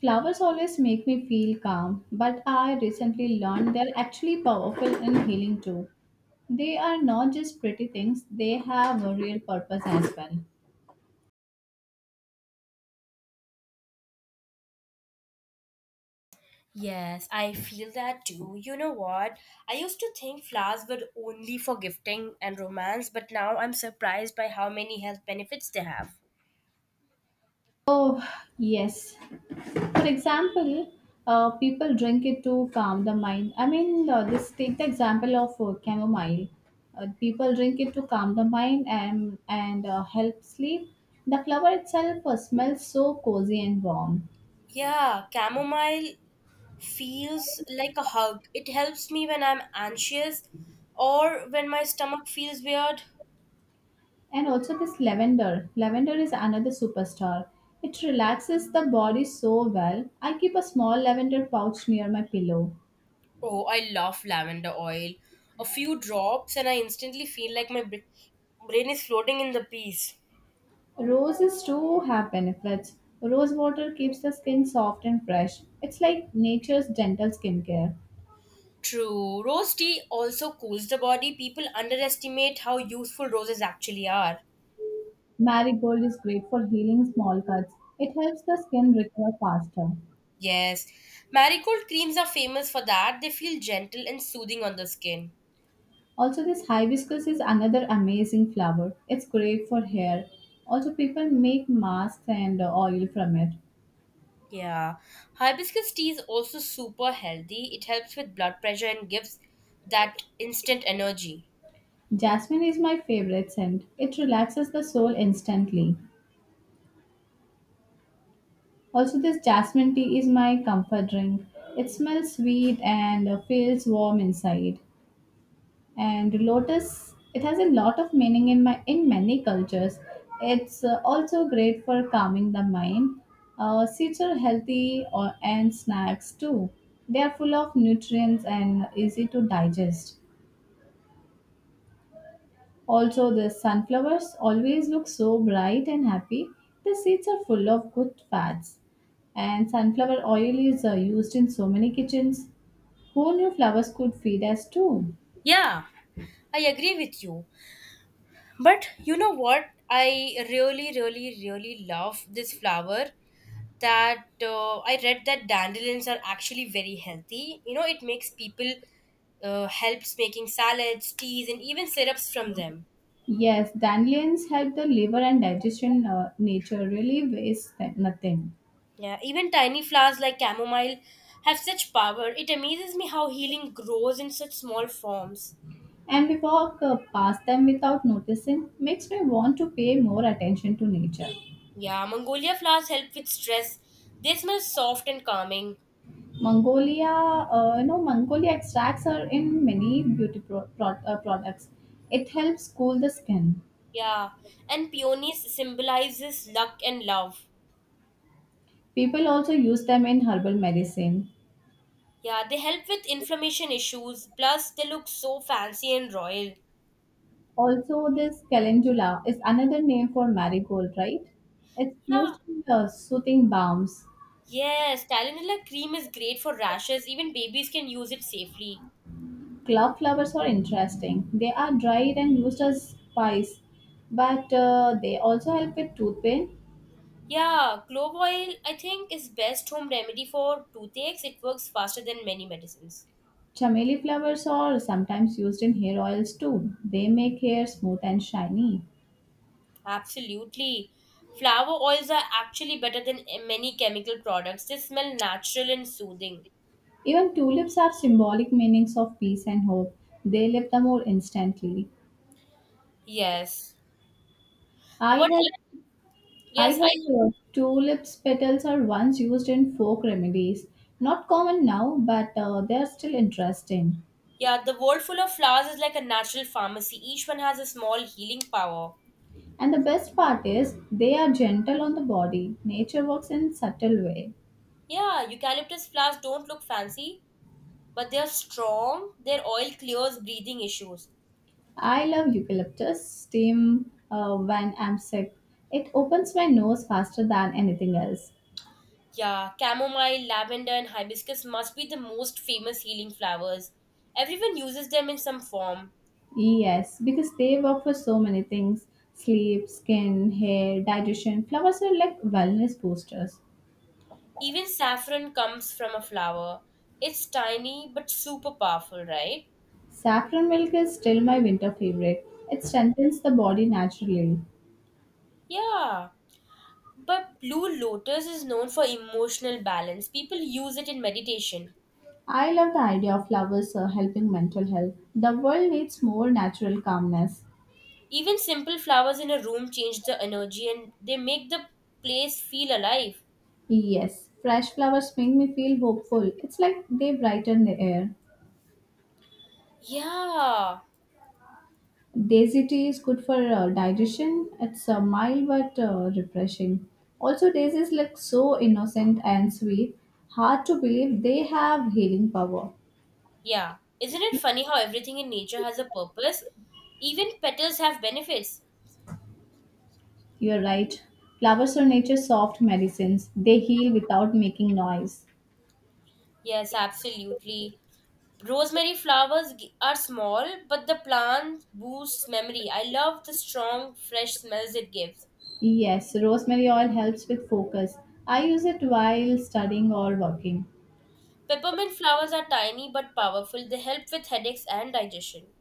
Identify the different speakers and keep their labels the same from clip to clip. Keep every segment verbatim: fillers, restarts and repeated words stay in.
Speaker 1: Flowers always make me feel calm, but I recently learned they're actually powerful in healing too. They are not just pretty things, they have a real purpose as well.
Speaker 2: Yes, I feel that too. You know what? I used to think flowers were only for gifting and romance, but now I'm surprised by how many health benefits they have.
Speaker 1: Oh, yes. For example, uh, people drink it to calm the mind. I mean, uh, this take the example of uh, chamomile. Uh, people drink it to calm the mind and and uh, help sleep. The flower itself uh, smells so cozy and warm.
Speaker 2: Yeah, chamomile feels like a hug. It helps me when I'm anxious or when my stomach feels weird.
Speaker 1: And also this lavender. Lavender is another superstar. It relaxes the body so well. I keep a small lavender pouch near my pillow.
Speaker 2: Oh, I love lavender oil. A few drops, and I instantly feel like my br- brain is floating in the peace.
Speaker 1: Roses too have benefits. Rose water keeps the skin soft and fresh. It's like nature's gentle skincare.
Speaker 2: True. Rose tea also cools the body. People underestimate how useful roses actually are.
Speaker 1: Marigold is great for healing small cuts. It helps the skin recover faster.
Speaker 2: Yes. Marigold creams are famous for that. They feel gentle and soothing on the skin.
Speaker 1: Also, this hibiscus is another amazing flower. It's great for hair. Also, people make masks and uh, oil from it.
Speaker 2: Yeah. Hibiscus tea is also super healthy. It helps with blood pressure and gives that instant energy.
Speaker 1: Jasmine is my favorite scent. It relaxes the soul instantly. Also, this jasmine tea is my comfort drink. It smells sweet and uh, feels warm inside. And lotus, it has a lot of meaning in my in many cultures. It's uh, also great for calming the mind. Uh, seeds are healthy or, and snacks too. They are full of nutrients and easy to digest. Also, the sunflowers always look so bright and happy. The seeds are full of good fats. And sunflower oil is uh, used in so many kitchens. Who knew flowers could feed us too?
Speaker 2: Yeah, I agree with you. But you know what? I really, really, really love this flower that uh, I read that dandelions are actually very healthy. You know, it makes people uh, helps making salads, teas, and even syrups from them.
Speaker 1: Yes, dandelions help the liver and digestion. Uh, nature really wastes th- nothing.
Speaker 2: Yeah, even tiny flowers like chamomile have such power. It amazes me how healing grows in such small forms.
Speaker 1: And we walk uh, past them without noticing, makes me want to pay more attention to nature.
Speaker 2: Yeah, Mongolia flowers help with stress. They smell soft and calming.
Speaker 1: Mongolia, uh, you know, Mongolia extracts are in many beauty pro- pro- uh, products. It helps cool the skin.
Speaker 2: Yeah, and peonies symbolizes luck and love.
Speaker 1: People also use them in herbal medicine.
Speaker 2: Yeah, they help with inflammation issues. Plus, they look so fancy and royal.
Speaker 1: Also, this calendula is another name for marigold, right? It's used
Speaker 2: Yeah.
Speaker 1: in uh, soothing balms.
Speaker 2: Yes, Tylenol cream is great for rashes. Even babies can use it safely.
Speaker 1: Clove flowers are interesting. They are dried and used as spice, but uh, they also help with tooth pain.
Speaker 2: Yeah, clove oil I think is best home remedy for toothaches. It works faster than many medicines.
Speaker 1: Chameli flowers are sometimes used in hair oils too. They make hair smooth and shiny.
Speaker 2: Absolutely. Flower oils are actually better than eh, many chemical products. They smell natural and soothing.
Speaker 1: Even tulips have symbolic meanings of peace and hope. They lift the mood instantly.
Speaker 2: Yes.
Speaker 1: I
Speaker 2: What?
Speaker 1: had I
Speaker 2: Yes,
Speaker 1: had
Speaker 2: I.
Speaker 1: uh, tulips petals are once used in folk remedies. Not common now, but uh, they are still interesting.
Speaker 2: Yeah, the world full of flowers is like a natural pharmacy. Each one has a small healing power.
Speaker 1: And the best part is they are gentle on the body. Nature works in subtle way.
Speaker 2: Yeah, eucalyptus flowers don't look fancy, but they're strong. Their oil clears breathing issues.
Speaker 1: I love eucalyptus steam uh, when I'm sick. It opens my nose faster than anything else.
Speaker 2: Yeah, chamomile, lavender, and hibiscus must be the most famous healing flowers. Everyone uses them in some form.
Speaker 1: Yes, because they work for so many things sleep, skin, hair, digestion. Flowers are like wellness boosters.
Speaker 2: Even saffron comes from a flower. It's tiny but super powerful, right?
Speaker 1: Saffron milk is still my winter favorite. It strengthens the body naturally.
Speaker 2: Yeah. But blue lotus is known for emotional balance. People use it in meditation.
Speaker 1: I love the idea of flowers uh, helping mental health. The world needs more natural calmness.
Speaker 2: Even simple flowers in a room change the energy and they make the place feel alive.
Speaker 1: Yes, fresh flowers make me feel hopeful. It's like they brighten the air.
Speaker 2: Yeah.
Speaker 1: Daisy tea is good for uh, digestion. It's uh, mild but uh, refreshing. Also, daisies look so innocent and sweet. Hard to believe they have healing power.
Speaker 2: Yeah. Isn't it funny how everything in nature has a purpose? Even petals have benefits.
Speaker 1: You're right. Flowers are nature's soft medicines. They heal without making noise.
Speaker 2: Yes, absolutely. Rosemary flowers g- are small, but the plant boosts memory. I love the strong, fresh smells it gives.
Speaker 1: Yes, rosemary oil helps with focus. I use it while studying or working.
Speaker 2: Peppermint flowers are tiny but powerful. They help with headaches and digestion.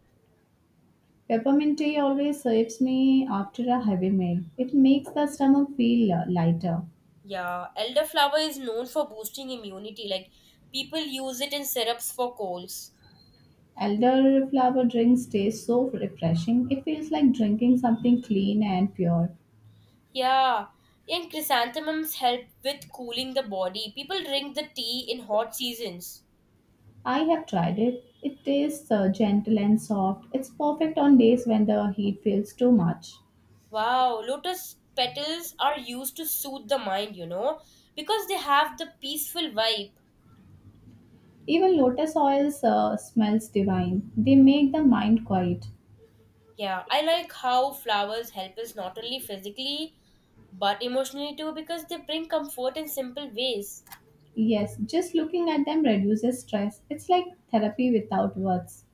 Speaker 1: Peppermint tea always serves me after a heavy meal. It makes the stomach feel uh, lighter.
Speaker 2: Yeah, elderflower is known for boosting immunity. Like, people use it in syrups for colds.
Speaker 1: Elderflower drinks taste so refreshing. It feels like drinking something clean and pure.
Speaker 2: Yeah, and chrysanthemums help with cooling the body. People drink the tea in hot seasons.
Speaker 1: I have tried it. It tastes uh, gentle and soft. It's perfect on days when the heat feels too much.
Speaker 2: Wow, lotus petals are used to soothe the mind, you know, because they have the peaceful vibe.
Speaker 1: Even lotus oils uh, smells divine. They make the mind quiet.
Speaker 2: Yeah, I like how flowers help us not only physically but emotionally too because they bring comfort in simple ways.
Speaker 1: Yes, just looking at them reduces stress. It's like therapy without words.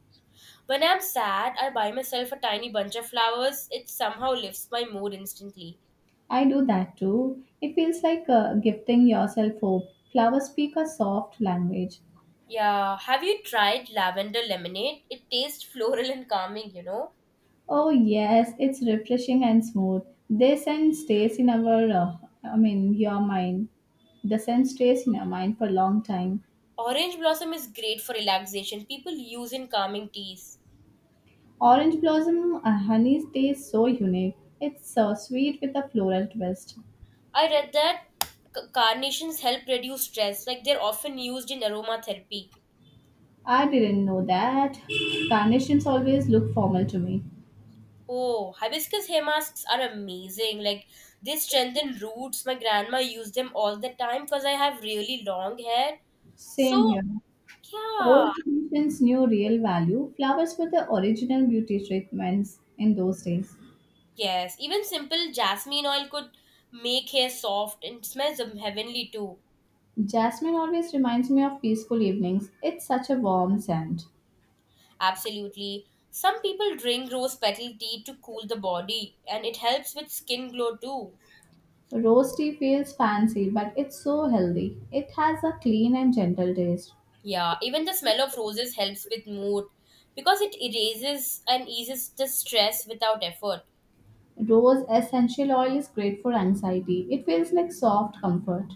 Speaker 2: When I'm sad, I buy myself a tiny bunch of flowers. It somehow lifts my mood instantly.
Speaker 1: I do that too. It feels like uh, gifting yourself hope. Flowers speak a soft language.
Speaker 2: Yeah, have you tried lavender lemonade? It tastes floral and calming, you know.
Speaker 1: Oh yes, it's refreshing and smooth. The scent stays in our, uh, I mean, your mind. The scent stays in our mind for a long time.
Speaker 2: Orange blossom is great for relaxation. People use in calming teas.
Speaker 1: Orange blossom uh, honey stays so unique. It's so sweet with a floral twist.
Speaker 2: I read that c- carnations help reduce stress, like they're often used in aromatherapy.
Speaker 1: I didn't know that. Carnations always look formal to me.
Speaker 2: Oh, hibiscus hair masks are amazing. Like they strengthen roots. My grandma used them all the time because I have really long hair.
Speaker 1: Same
Speaker 2: So,
Speaker 1: here.
Speaker 2: yeah,
Speaker 1: Old traditions knew real value. Flowers were the original beauty treatments in those days.
Speaker 2: yes, even simple jasmine oil could make hair soft and smells um, heavenly too.
Speaker 1: Jasmine always reminds me of peaceful evenings. It's such a warm scent.
Speaker 2: Absolutely. Some people drink rose petal tea to cool the body, and it helps with skin glow too.
Speaker 1: Rose tea feels fancy, but it's so healthy. It has a clean and gentle taste.
Speaker 2: Yeah, even the smell of roses helps with mood because it erases and eases the stress without effort.
Speaker 1: Rose essential oil is great for anxiety. It feels like soft comfort.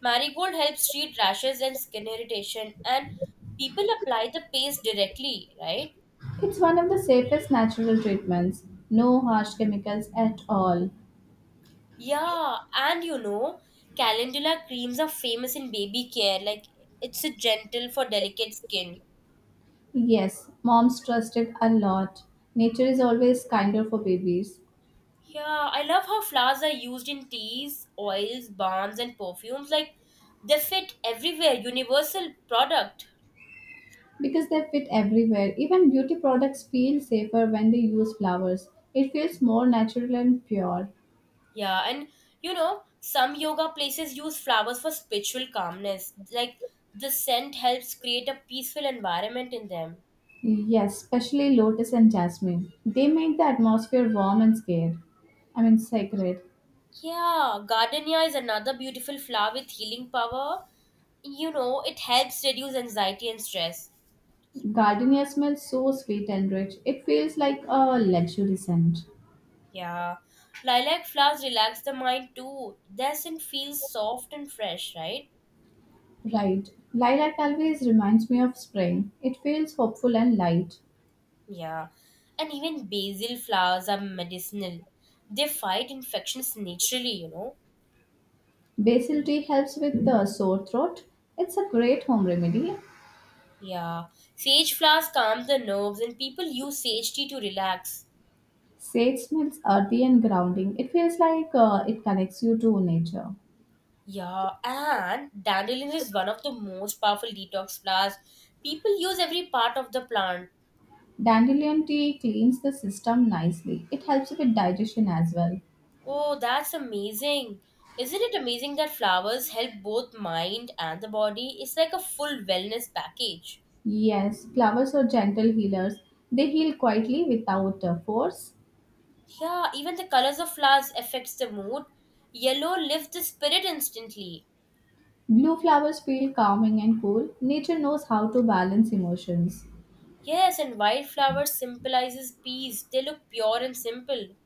Speaker 2: Marigold helps treat rashes and skin irritation, and people apply the paste directly, right?
Speaker 1: It's one of the safest natural treatments. No harsh chemicals at all.
Speaker 2: Yeah, and you know, calendula creams are famous in baby care, like it's a gentle for delicate skin.
Speaker 1: Yes, moms trust it a lot. Nature is always kinder for babies.
Speaker 2: Yeah, I love how flowers are used in teas, oils, balms, and perfumes. Like, they fit everywhere, universal product.
Speaker 1: Because they fit everywhere. Even beauty products feel safer when they use flowers. It feels more natural and pure.
Speaker 2: Yeah, and you know, some yoga places use flowers for spiritual calmness. Like, the scent helps create a peaceful environment in them.
Speaker 1: Yes, especially lotus and jasmine. They make the atmosphere warm and scared. I mean, sacred.
Speaker 2: Yeah, gardenia is another beautiful flower with healing power. You know, it helps reduce anxiety and stress.
Speaker 1: Gardenia smells so sweet and rich. It feels like a luxury scent.
Speaker 2: Yeah, lilac flowers relax the mind too. Their scent feels soft and fresh, right?
Speaker 1: Right. Lilac always reminds me of spring. It feels hopeful and light.
Speaker 2: Yeah, and even basil flowers are medicinal. They fight infections naturally, you know.
Speaker 1: Basil tea helps with the sore throat. It's a great home remedy.
Speaker 2: Yeah, sage flowers calm the nerves, and people use sage tea to relax.
Speaker 1: Sage smells earthy and grounding. It feels like uh, it connects you to nature.
Speaker 2: Yeah, and dandelion is one of the most powerful detox flowers. People use every part of the plant.
Speaker 1: Dandelion tea cleans the system nicely. It helps with digestion as well.
Speaker 2: Oh, that's amazing. Isn't it amazing that flowers help both mind and the body? It's like a full wellness package.
Speaker 1: Yes, flowers are gentle healers. They heal quietly without uh, force.
Speaker 2: Yeah, even the colors of flowers affects the mood. Yellow lifts the spirit instantly.
Speaker 1: Blue flowers feel calming and cool. Nature knows how to balance emotions.
Speaker 2: Yes, and white flowers symbolizes peace. They look pure and simple.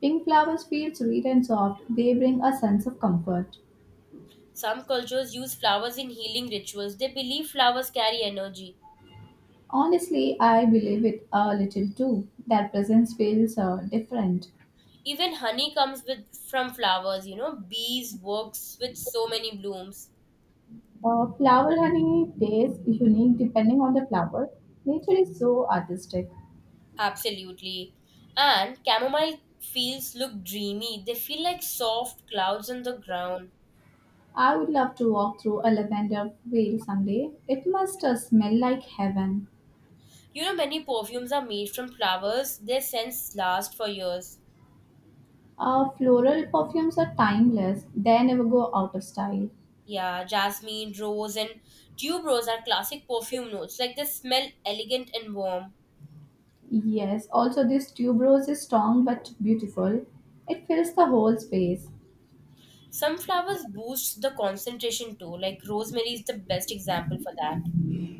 Speaker 1: Pink flowers feel sweet and soft. They bring a sense of comfort.
Speaker 2: Some cultures use flowers in healing rituals. They believe flowers carry energy.
Speaker 1: Honestly, I believe it a little too. Their presence feels uh, different.
Speaker 2: Even honey comes with from flowers, you know. Bees works with so many blooms.
Speaker 1: Uh, flower honey tastes unique depending on the flower. Nature is so artistic.
Speaker 2: Absolutely. And chamomile fields look dreamy. They feel like soft clouds on the ground.
Speaker 1: I would love to walk through a lavender field someday. It must uh, smell like heaven.
Speaker 2: You know, many perfumes are made from flowers. Their scents last for years.
Speaker 1: Uh, floral perfumes are timeless, they never go out of style.
Speaker 2: Yeah, jasmine, rose, and tuberose are classic perfume notes. Like they smell elegant and warm.
Speaker 1: Yes, also, this tuberose is strong but beautiful. It fills the whole space.
Speaker 2: Some flowers boost the concentration too. Like rosemary is the best example for that.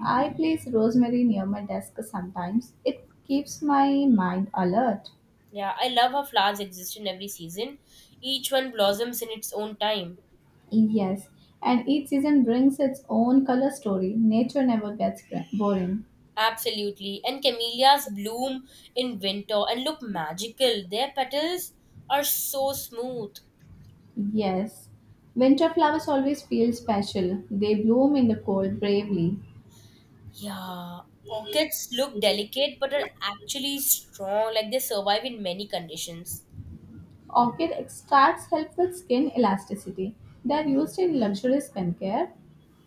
Speaker 1: I place rosemary near my desk sometimes. It keeps my mind alert.
Speaker 2: Yeah, I love how flowers exist in every season. Each one blossoms in its own time.
Speaker 1: Yes, and each season brings its own color story. Nature never gets bra- boring.
Speaker 2: Absolutely. And camellias bloom in winter and look magical. Their petals are so smooth.
Speaker 1: Yes, winter flowers always feel special. They bloom in the cold bravely.
Speaker 2: Yeah, orchids look delicate but are actually strong, like they survive in many conditions.
Speaker 1: Orchid extracts help with skin elasticity. They are used in luxury skincare.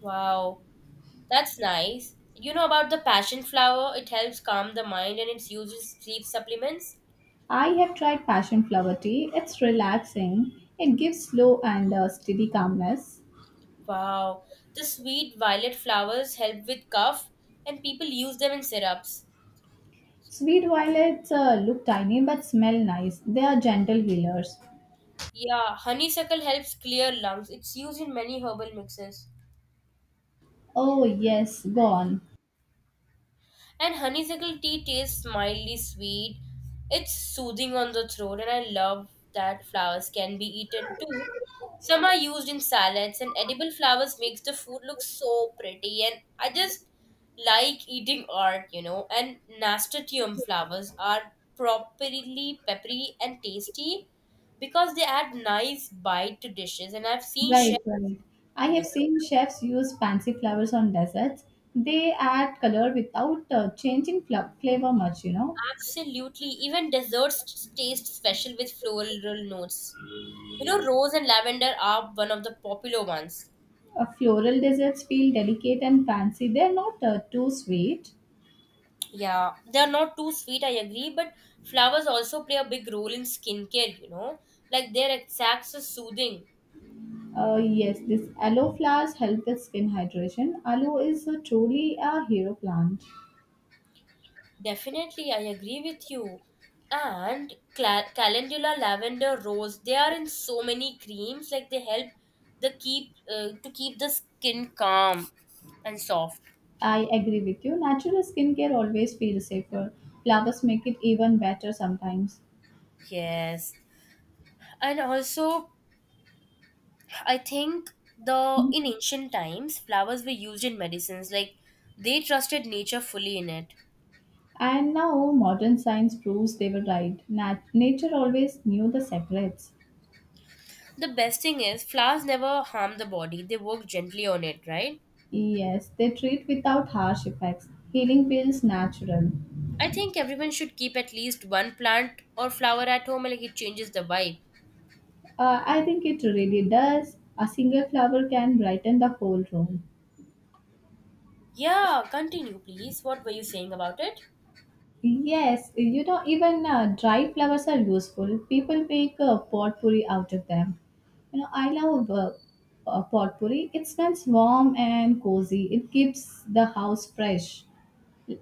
Speaker 2: Wow, that's nice. You know about the passion flower? It helps calm the mind and it's used in sleep supplements.
Speaker 1: I have tried passion flower tea. It's relaxing. It gives slow and uh, steady calmness.
Speaker 2: Wow, the sweet violet flowers help with cough and people use them in syrups.
Speaker 1: Sweet violets uh, look tiny but smell nice. They are gentle healers.
Speaker 2: Yeah, honeysuckle helps clear lungs. It's used in many herbal mixes.
Speaker 1: Oh yes, go on.
Speaker 2: And honeysuckle tea tastes mildly sweet. It's soothing on the throat, and I love that flowers can be eaten too. Some are used in salads, and edible flowers makes the food look so pretty. And I just like eating art, you know. And nasturtium flowers are properly peppery and tasty because they add nice bite to dishes. And I've seen
Speaker 1: Right,
Speaker 2: chefs,
Speaker 1: right. I
Speaker 2: yeah,
Speaker 1: have seen chefs use fancy flowers on desserts. They add color without uh, changing fla- flavor much, you know.
Speaker 2: absolutely, even desserts taste special with floral notes. You know, rose and lavender are one of the popular ones.
Speaker 1: Uh, floral desserts feel delicate and fancy. They're not uh, too sweet.
Speaker 2: Yeah. They are not too sweet, I agree, but flowers also play a big role in skincare, you know. Like their exacts are soothing.
Speaker 1: Uh, yes, this aloe flowers help with skin hydration. Aloe is uh, truly a hero plant.
Speaker 2: Definitely, I agree with you. And cla- calendula, lavender, rose, they are in so many creams. Like they help the keep uh, to keep the skin calm and soft.
Speaker 1: I agree with you. Natural skincare always feels safer. Flowers make it even better sometimes.
Speaker 2: Yes. And also I think the in ancient times, flowers were used in medicines, like they trusted nature fully in it.
Speaker 1: And now modern science proves they were right. Nat- nature always knew the secrets.
Speaker 2: The best thing is flowers never harm the body, they work gently on it, right?
Speaker 1: Yes, they treat without harsh effects. Healing feels natural.
Speaker 2: I think everyone should keep at least one plant or flower at home, like it changes the vibe.
Speaker 1: Uh, I think it really does. A single flower can brighten the whole room.
Speaker 2: Yeah, continue please. What were you saying about it?
Speaker 1: Yes, you know, even uh, dried flowers are useful. People make uh, potpourri out of them. You know, I love uh, uh, potpourri. It smells warm and cozy. It keeps the house fresh.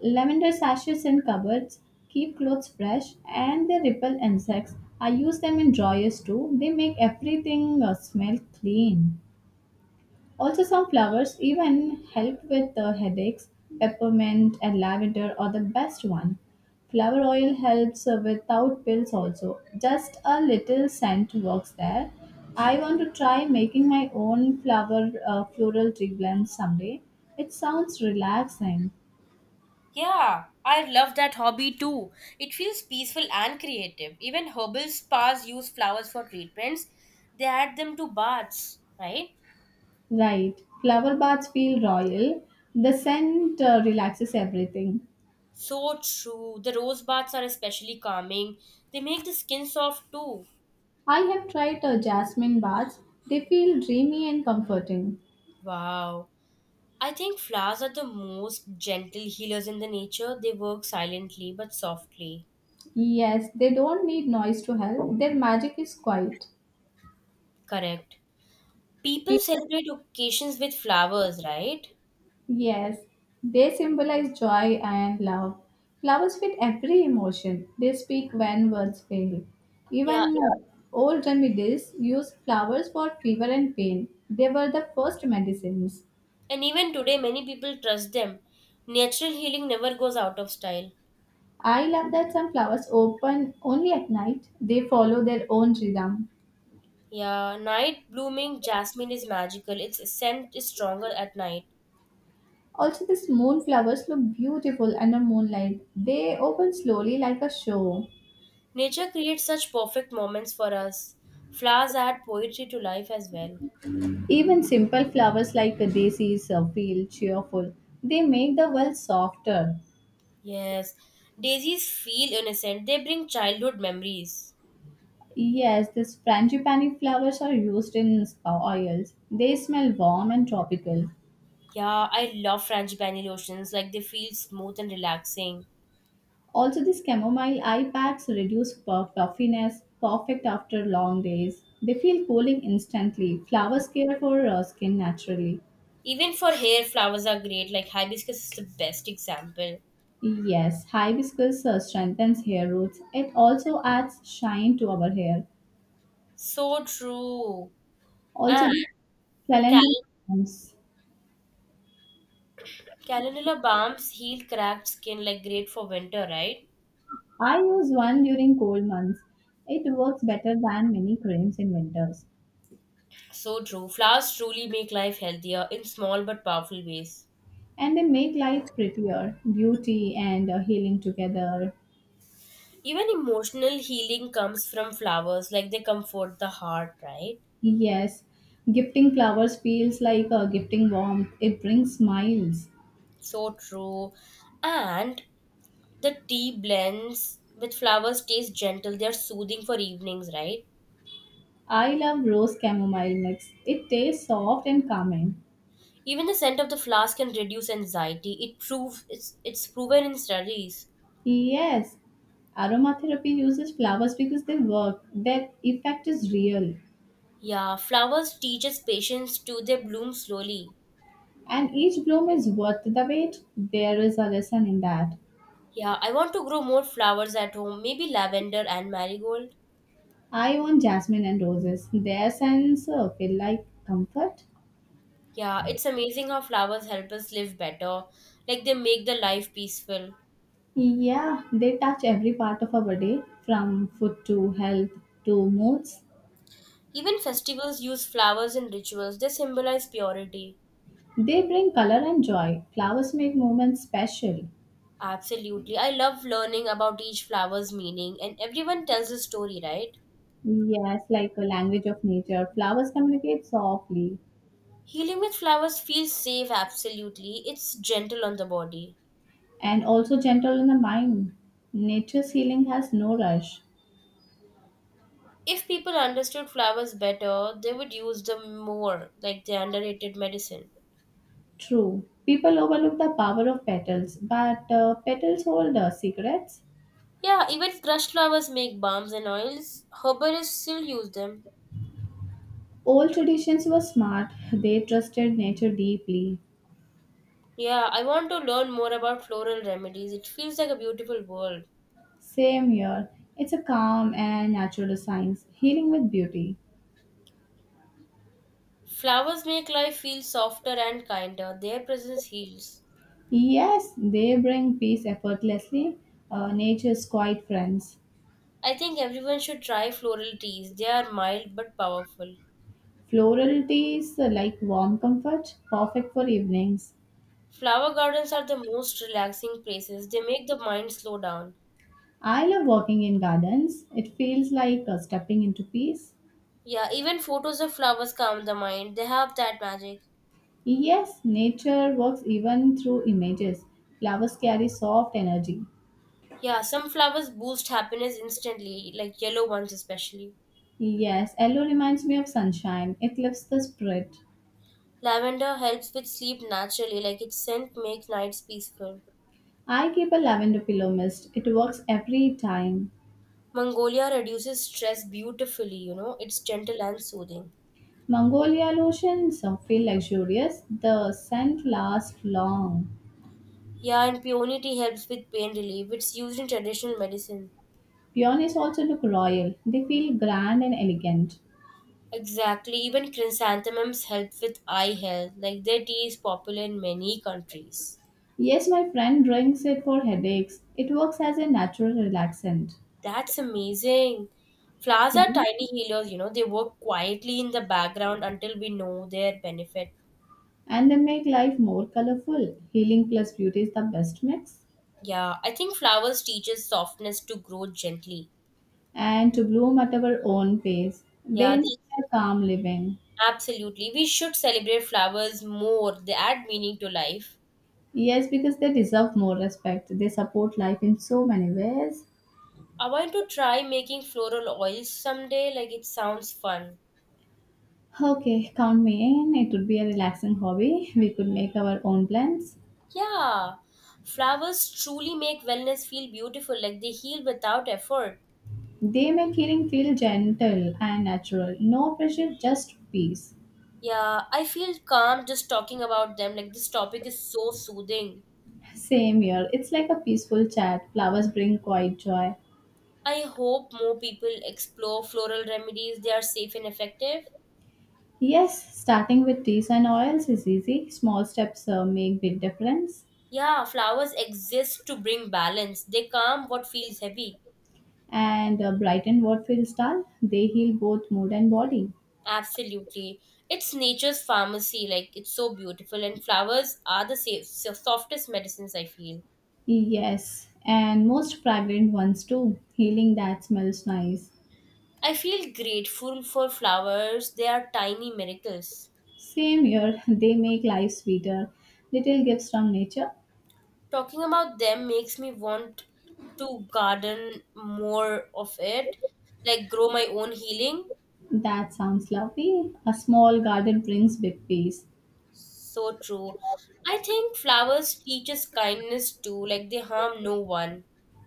Speaker 1: Lavender sachets in cupboards keep clothes fresh and they repel insects. I use them in dryers too. They make everything uh, smell clean. Also, some flowers even help with the headaches. Peppermint and lavender are the best one. Flower oil helps uh, without pills also. Just a little scent works there. I want to try making my own flower uh, floral tree blend someday. It sounds relaxing.
Speaker 2: Yeah, I love that hobby too. It feels peaceful and creative. Even herbal spas use flowers for treatments. They add them to baths, right?
Speaker 1: Right. Flower baths feel royal. The scent uh, relaxes everything.
Speaker 2: So true. The rose baths are especially calming. They make the skin soft too.
Speaker 1: I have tried uh, jasmine baths. They feel dreamy and comforting.
Speaker 2: Wow. I think flowers are the most gentle healers in the nature. They work silently but softly.
Speaker 1: Yes, they don't need noise to help. Their magic is quiet.
Speaker 2: Correct. People
Speaker 1: People,
Speaker 2: celebrate occasions with flowers, right?
Speaker 1: yes, they symbolize joy and love. Flowers fit every emotion. They speak when words fail.
Speaker 2: Yeah.
Speaker 1: Even uh, old remedies used flowers for fever and pain. They were the first medicines.
Speaker 2: And even today, many people trust them. Natural healing never goes out of style.
Speaker 1: I love that some flowers open only at night. They follow their own rhythm.
Speaker 2: Yeah. Night blooming jasmine is magical. Its scent is stronger at night.
Speaker 1: Also, these moon flowers look beautiful under moonlight. They open slowly like a show.
Speaker 2: Nature creates such perfect moments for us. Flowers add poetry to life as well.
Speaker 1: Even simple flowers like daisies uh, feel cheerful. They make the world softer.
Speaker 2: Yes, daisies feel innocent. They bring childhood memories.
Speaker 1: Yes, these frangipani flowers are used in spa oils. They smell warm and tropical.
Speaker 2: Yeah, I love frangipani lotions. Like they feel smooth and relaxing.
Speaker 1: Also, these chamomile eye packs reduce pu- puffiness, perfect after long days. They feel cooling instantly. Flowers care for uh, skin naturally.
Speaker 2: Even for hair, flowers are great. Like hibiscus is the best example.
Speaker 1: Yes, hibiscus uh, strengthens hair roots. It also adds shine to our hair.
Speaker 2: So true.
Speaker 1: Also,
Speaker 2: And
Speaker 1: the calendula
Speaker 2: cal-
Speaker 1: balms.
Speaker 2: calendula balms heal cracked skin. Like great for winter, right?
Speaker 1: I use one during cold months. It works better than many creams in winters.
Speaker 2: So true. Flowers truly make life healthier in small but powerful ways.
Speaker 1: And they make life prettier, beauty and uh, healing together.
Speaker 2: Even emotional healing comes from flowers, like they comfort the heart, right?
Speaker 1: Yes, gifting flowers feels like a gifting warmth. It brings smiles.
Speaker 2: So true. And the tea blends with flowers taste gentle. They are soothing for evenings, right?
Speaker 1: I love rose chamomile mix. It tastes soft and calming.
Speaker 2: Even the scent of the flowers can reduce anxiety. It proves it's it's proven in studies.
Speaker 1: Yes, aromatherapy uses flowers because they work. Their effect is real.
Speaker 2: Yeah, flowers teaches patience too. They bloom slowly.
Speaker 1: And each bloom is worth the wait. There is a lesson in that.
Speaker 2: Yeah, I want to grow more flowers at home, maybe lavender and marigold.
Speaker 1: I want jasmine and roses. Their scents uh, feel like comfort.
Speaker 2: Yeah, it's amazing how flowers help us live better. Like they make the life peaceful.
Speaker 1: Yeah, they touch every part of our day from food to health to moods.
Speaker 2: Even festivals use flowers in rituals. They symbolize purity.
Speaker 1: They bring color and joy. Flowers make moments special.
Speaker 2: Absolutely. I love learning about each flower's meaning and everyone tells a story, right?
Speaker 1: Yes, like a language of nature. Flowers communicate softly
Speaker 2: Healing with flowers feels safe, absolutely. It's gentle on the body.
Speaker 1: and also gentle in the mind. Nature's healing has no rush.
Speaker 2: If people understood flowers better, they would use them more, like the underrated medicine.
Speaker 1: True. People overlook the power of petals, but uh, petals hold uh, secrets.
Speaker 2: Yeah, even crushed flowers make balms and oils. Herbalists still use them.
Speaker 1: Old traditions were smart, they trusted nature deeply.
Speaker 2: Yeah, I want to learn more about floral remedies. It feels like a beautiful world.
Speaker 1: Same here. It's a calm and natural science, healing with beauty.
Speaker 2: Flowers make life feel softer and kinder. Their presence heals.
Speaker 1: Yes, they bring peace effortlessly. Uh, nature's quiet friends.
Speaker 2: I think everyone should try floral teas. They are mild but powerful.
Speaker 1: Floral teas uh, like warm comfort, perfect for evenings.
Speaker 2: Flower gardens are the most relaxing places. They make the mind slow down.
Speaker 1: I love walking in gardens. It feels like uh, stepping into peace.
Speaker 2: Yeah, even photos of flowers calm the mind. They have that magic.
Speaker 1: Yes, nature works even through images. Flowers carry soft energy.
Speaker 2: Yeah, some flowers boost happiness instantly, like yellow ones especially.
Speaker 1: Yes, yellow reminds me of sunshine. It lifts the spirit.
Speaker 2: Lavender helps with sleep naturally, like its scent makes nights peaceful.
Speaker 1: I keep a lavender pillow mist. It works every time.
Speaker 2: Mongolia reduces stress beautifully, you know, it's gentle and soothing.
Speaker 1: Mongolian oceans uh, feel luxurious. The scent lasts long.
Speaker 2: Yeah, and peony helps with pain relief. It's used in traditional medicine.
Speaker 1: Peonies also look royal. They feel grand and elegant.
Speaker 2: Exactly, even chrysanthemums help with eye health. Like their tea is popular in many countries.
Speaker 1: Yes, my friend drinks it for headaches. It works as a natural relaxant.
Speaker 2: That's amazing. Flowers are
Speaker 1: Plants
Speaker 2: tiny healers, you know, they work quietly in the background until we know their benefit.
Speaker 1: and they make life more colorful. Healing plus beauty is the best mix.
Speaker 2: Yeah, I think flowers teaches softness to grow gently.
Speaker 1: And to bloom at our own pace. They
Speaker 2: Yeah, they
Speaker 1: inspire calm living.
Speaker 2: Absolutely. We should celebrate flowers more. They add meaning to life.
Speaker 1: Yes, because they deserve more respect. They support life in so many ways.
Speaker 2: I want to try making floral oils someday. Like, it sounds fun.
Speaker 1: Okay, count me in. It would be a relaxing hobby. We could make our own plans.
Speaker 2: Yeah. Flowers truly make wellness feel beautiful. Like, they heal without effort.
Speaker 1: They make healing feel gentle and natural. No pressure, just peace.
Speaker 2: Yeah. I feel calm just talking about them. Like, this topic is so soothing.
Speaker 1: Same here. It's like a peaceful chat. Flowers bring quiet joy.
Speaker 2: I hope more people explore floral remedies. They are safe and effective.
Speaker 1: Yes, starting with teas and oils is easy. Small steps uh, make big difference.
Speaker 2: Yeah. Flowers exist to bring balance, they calm what feels heavy.
Speaker 1: And uh, brighten what feels dull. They heal both mood and body.
Speaker 2: Absolutely. It's nature's pharmacy, like it's so beautiful, and flowers are the safe, so- softest medicines, I feel.
Speaker 1: Yes, and most fragrant ones too. Healing that smells nice.
Speaker 2: I feel grateful for flowers, they are tiny miracles.
Speaker 1: Same here, they make life sweeter. Little gifts from nature.
Speaker 2: Talking about them makes me want to garden more of it, like grow my own healing.
Speaker 1: That sounds lovely. A small garden brings big peace.
Speaker 2: So true. I think flowers teach us kindness too, like they harm no one.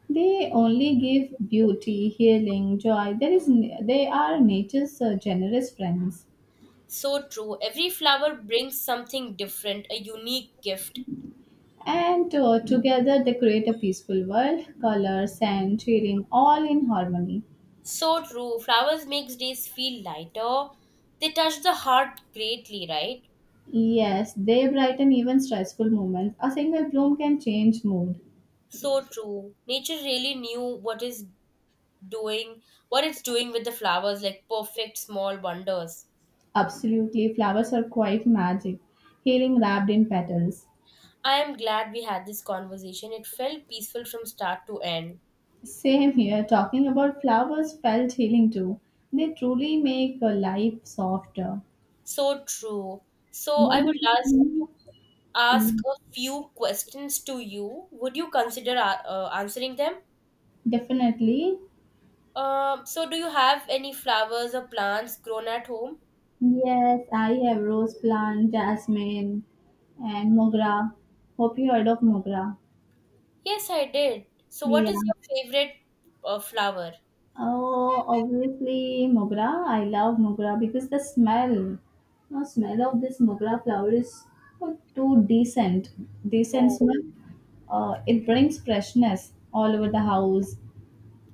Speaker 1: They only give beauty, healing, joy. There is, they are nature's uh, generous friends.
Speaker 2: So true. Every flower brings something different, a unique gift.
Speaker 1: And uh, together they create a peaceful world, color, sand, shading, all in harmony.
Speaker 2: So true. Flowers makes days feel lighter. They touch the heart greatly, right?
Speaker 1: Yes, they brighten even stressful moments. A single bloom can change mood.
Speaker 2: So true. Nature really knew what is doing, what it's doing with the flowers, like perfect small wonders.
Speaker 1: Absolutely, flowers are quite magic, healing wrapped in petals.
Speaker 2: I am glad we had this conversation. It felt peaceful from start to end.
Speaker 1: Same here, talking about flowers felt healing too. They truly make a life softer.
Speaker 2: So true. So
Speaker 1: What
Speaker 2: I would
Speaker 1: about
Speaker 2: ask
Speaker 1: you? Yeah,
Speaker 2: ask a few questions to you. Would you consider uh, uh, answering them?
Speaker 1: definitely.
Speaker 2: Um, so do you have any flowers or plants grown at home?
Speaker 1: Yes, I have rose plant, jasmine, and mogra. Hope you heard of mogra.
Speaker 2: Yes, I did. So, what
Speaker 1: Yeah.
Speaker 2: is your favorite uh, flower?
Speaker 1: Oh, obviously mogra. I love mogra because the smell, the smell of this mogra flower is uh, too decent, decent
Speaker 2: Oh,
Speaker 1: smell. Uh, it brings freshness all over the house.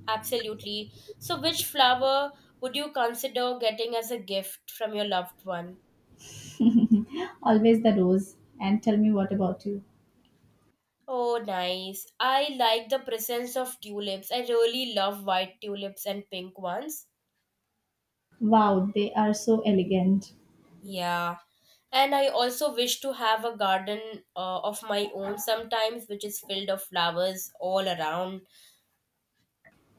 Speaker 2: absolutely. So, which flower would you consider getting as a gift from your loved one?
Speaker 1: Always the rose. And tell me what about you?
Speaker 2: Oh, nice. I like the presence of tulips. I really love white tulips and pink ones.
Speaker 1: Wow, they are so elegant.
Speaker 2: Yeah. And I also wish to have a garden uh, of my own sometimes, which is filled of flowers all around.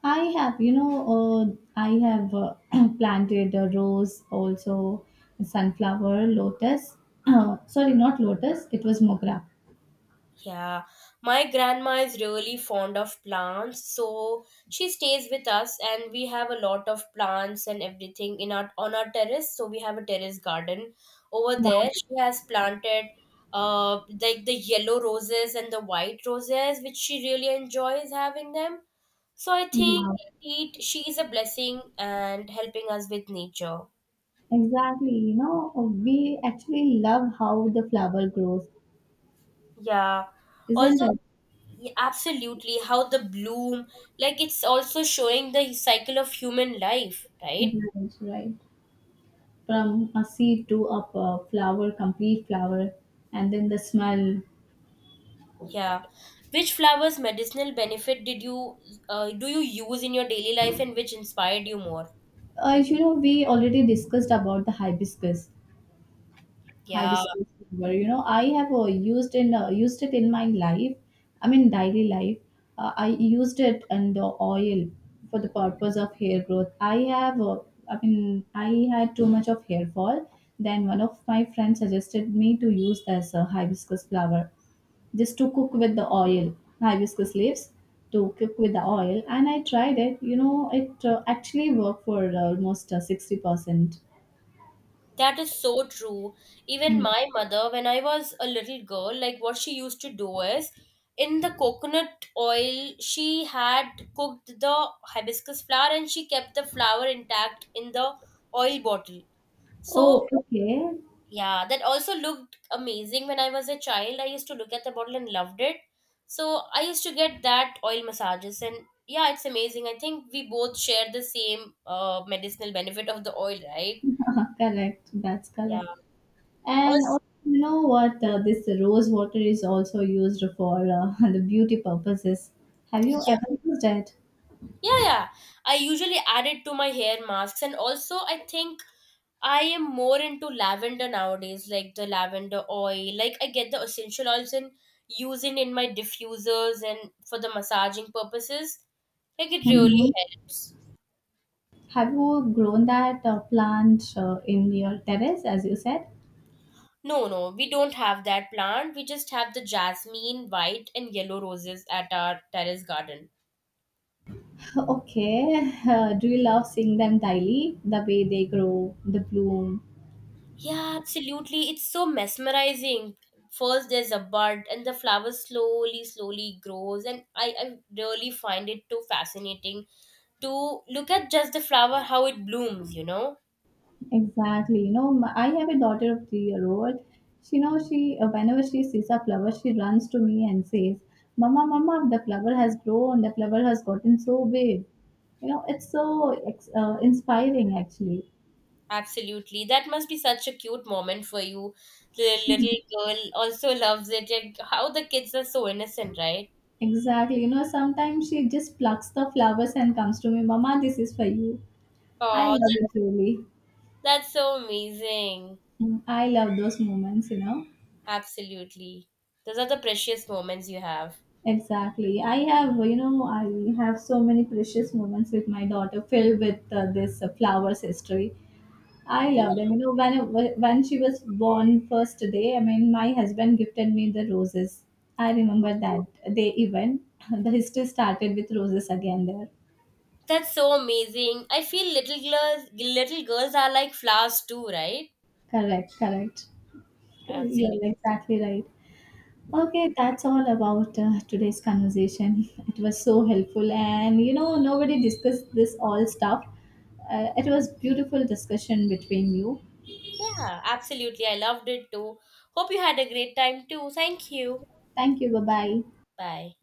Speaker 1: I have, you know, uh, I have uh, planted a rose, also sunflower, lotus. Sorry, not lotus. It was mogra.
Speaker 2: Yeah, my grandma is really fond of plants, so she stays with us, and we have a lot of plants and everything in our on our terrace. So we have a terrace garden over there. She has planted uh like the yellow roses and the white roses, which she really enjoys having them. So I think
Speaker 1: Wow.
Speaker 2: indeed she is a blessing and helping us with nature.
Speaker 1: Exactly. You know, we actually love how the flower grows,
Speaker 2: Yeah.
Speaker 1: isn't
Speaker 2: Also,
Speaker 1: it?
Speaker 2: yeah, absolutely. How the bloom, like it's also showing the cycle of human life, right?
Speaker 1: That's right. From a seed to a p- flower, complete flower, and then the smell.
Speaker 2: Yeah. Which flowers' medicinal benefit did you uh, do you use in your daily life, and which inspired you more?
Speaker 1: Uh, you know, we already discussed about the hibiscus.
Speaker 2: Yeah,
Speaker 1: Hibiscus flower, you know, I have uh, used in uh, used it in my life, I mean daily life. Uh, i used it in the oil for the purpose of hair growth. I have uh, i mean i had too much of hair fall. Then one of my friends suggested me to use as a hibiscus flower, just to cook with the oil, hibiscus leaves, to cook with the oil, and I tried it. You know, it uh, actually worked for almost uh, sixty percent.
Speaker 2: that is so true. Even
Speaker 1: Hmm.
Speaker 2: my mother, when I was a little girl, like what she used to do is in the coconut oil, she had cooked the hibiscus flower and she kept the flower intact in the oil bottle.
Speaker 1: Oh,
Speaker 2: So
Speaker 1: okay.
Speaker 2: yeah, that also looked amazing when I was a child. I used to look at the bottle and loved it. So I used to get that oil massages, and yeah, it's amazing. I think we both share the same uh, medicinal benefit of the oil, right?
Speaker 1: Uh, correct. That's
Speaker 2: Yeah.
Speaker 1: correct. And
Speaker 2: Also,
Speaker 1: also, you know what? Uh, this rose water is also used for uh, the beauty purposes. Have you
Speaker 2: yeah,
Speaker 1: ever used it?
Speaker 2: yeah, yeah. I usually add it to my hair masks, and also I think I am more into lavender nowadays, like the lavender oil. Like I get the essential oils and use it in my diffusers and for the massaging purposes. Like it really
Speaker 1: Mhm.
Speaker 2: helps.
Speaker 1: Have you grown that uh, plant uh, in your terrace, as you said?
Speaker 2: No, no, we don't have that plant. We just have the jasmine, white and yellow roses at our terrace garden.
Speaker 1: Okay. Uh, do you love seeing them daily? The way they grow, the bloom,
Speaker 2: Yeah, absolutely. It's so mesmerizing. First there's a bud and the flower slowly, slowly grows and I, I really find it too fascinating to look at just the flower, how it blooms, you know?
Speaker 1: exactly. You know, my, I have a daughter of three year old. She knows she uh, whenever she sees a flower, she runs to me and says, "Mama, mama, the flower has grown. The flower has gotten so big." You know, it's so ex- uh, inspiring actually.
Speaker 2: Absolutely. That must be such a cute moment for you. The little girl also loves it and how the kids are so innocent, right?
Speaker 1: Exactly. You know, sometimes she just plucks the flowers and comes to me, "Mama, this is for you." I
Speaker 2: Oh,
Speaker 1: love
Speaker 2: that,
Speaker 1: it really.
Speaker 2: that's so amazing.
Speaker 1: Mm, I love those moments. You know.
Speaker 2: Absolutely. Those are the precious moments you have.
Speaker 1: Exactly. I have, you know, I have so many precious moments with my daughter filled with uh, this uh, flowers history. I love them. You know, when when she was born first day, I mean, my husband gifted me the roses. I remember that day even. The history started with roses again there.
Speaker 2: That's so amazing. I feel little girls little girls are like flowers too, right?
Speaker 1: Correct, correct. You're
Speaker 2: Absolutely.
Speaker 1: exactly right. Okay, that's all about uh, today's conversation. It was so helpful, and you know, nobody discussed this all stuff. Uh, it was beautiful discussion between you.
Speaker 2: Yeah, absolutely. I loved it too. Hope you had a great time too. Thank you.
Speaker 1: Thank you. Bye bye.
Speaker 2: Bye.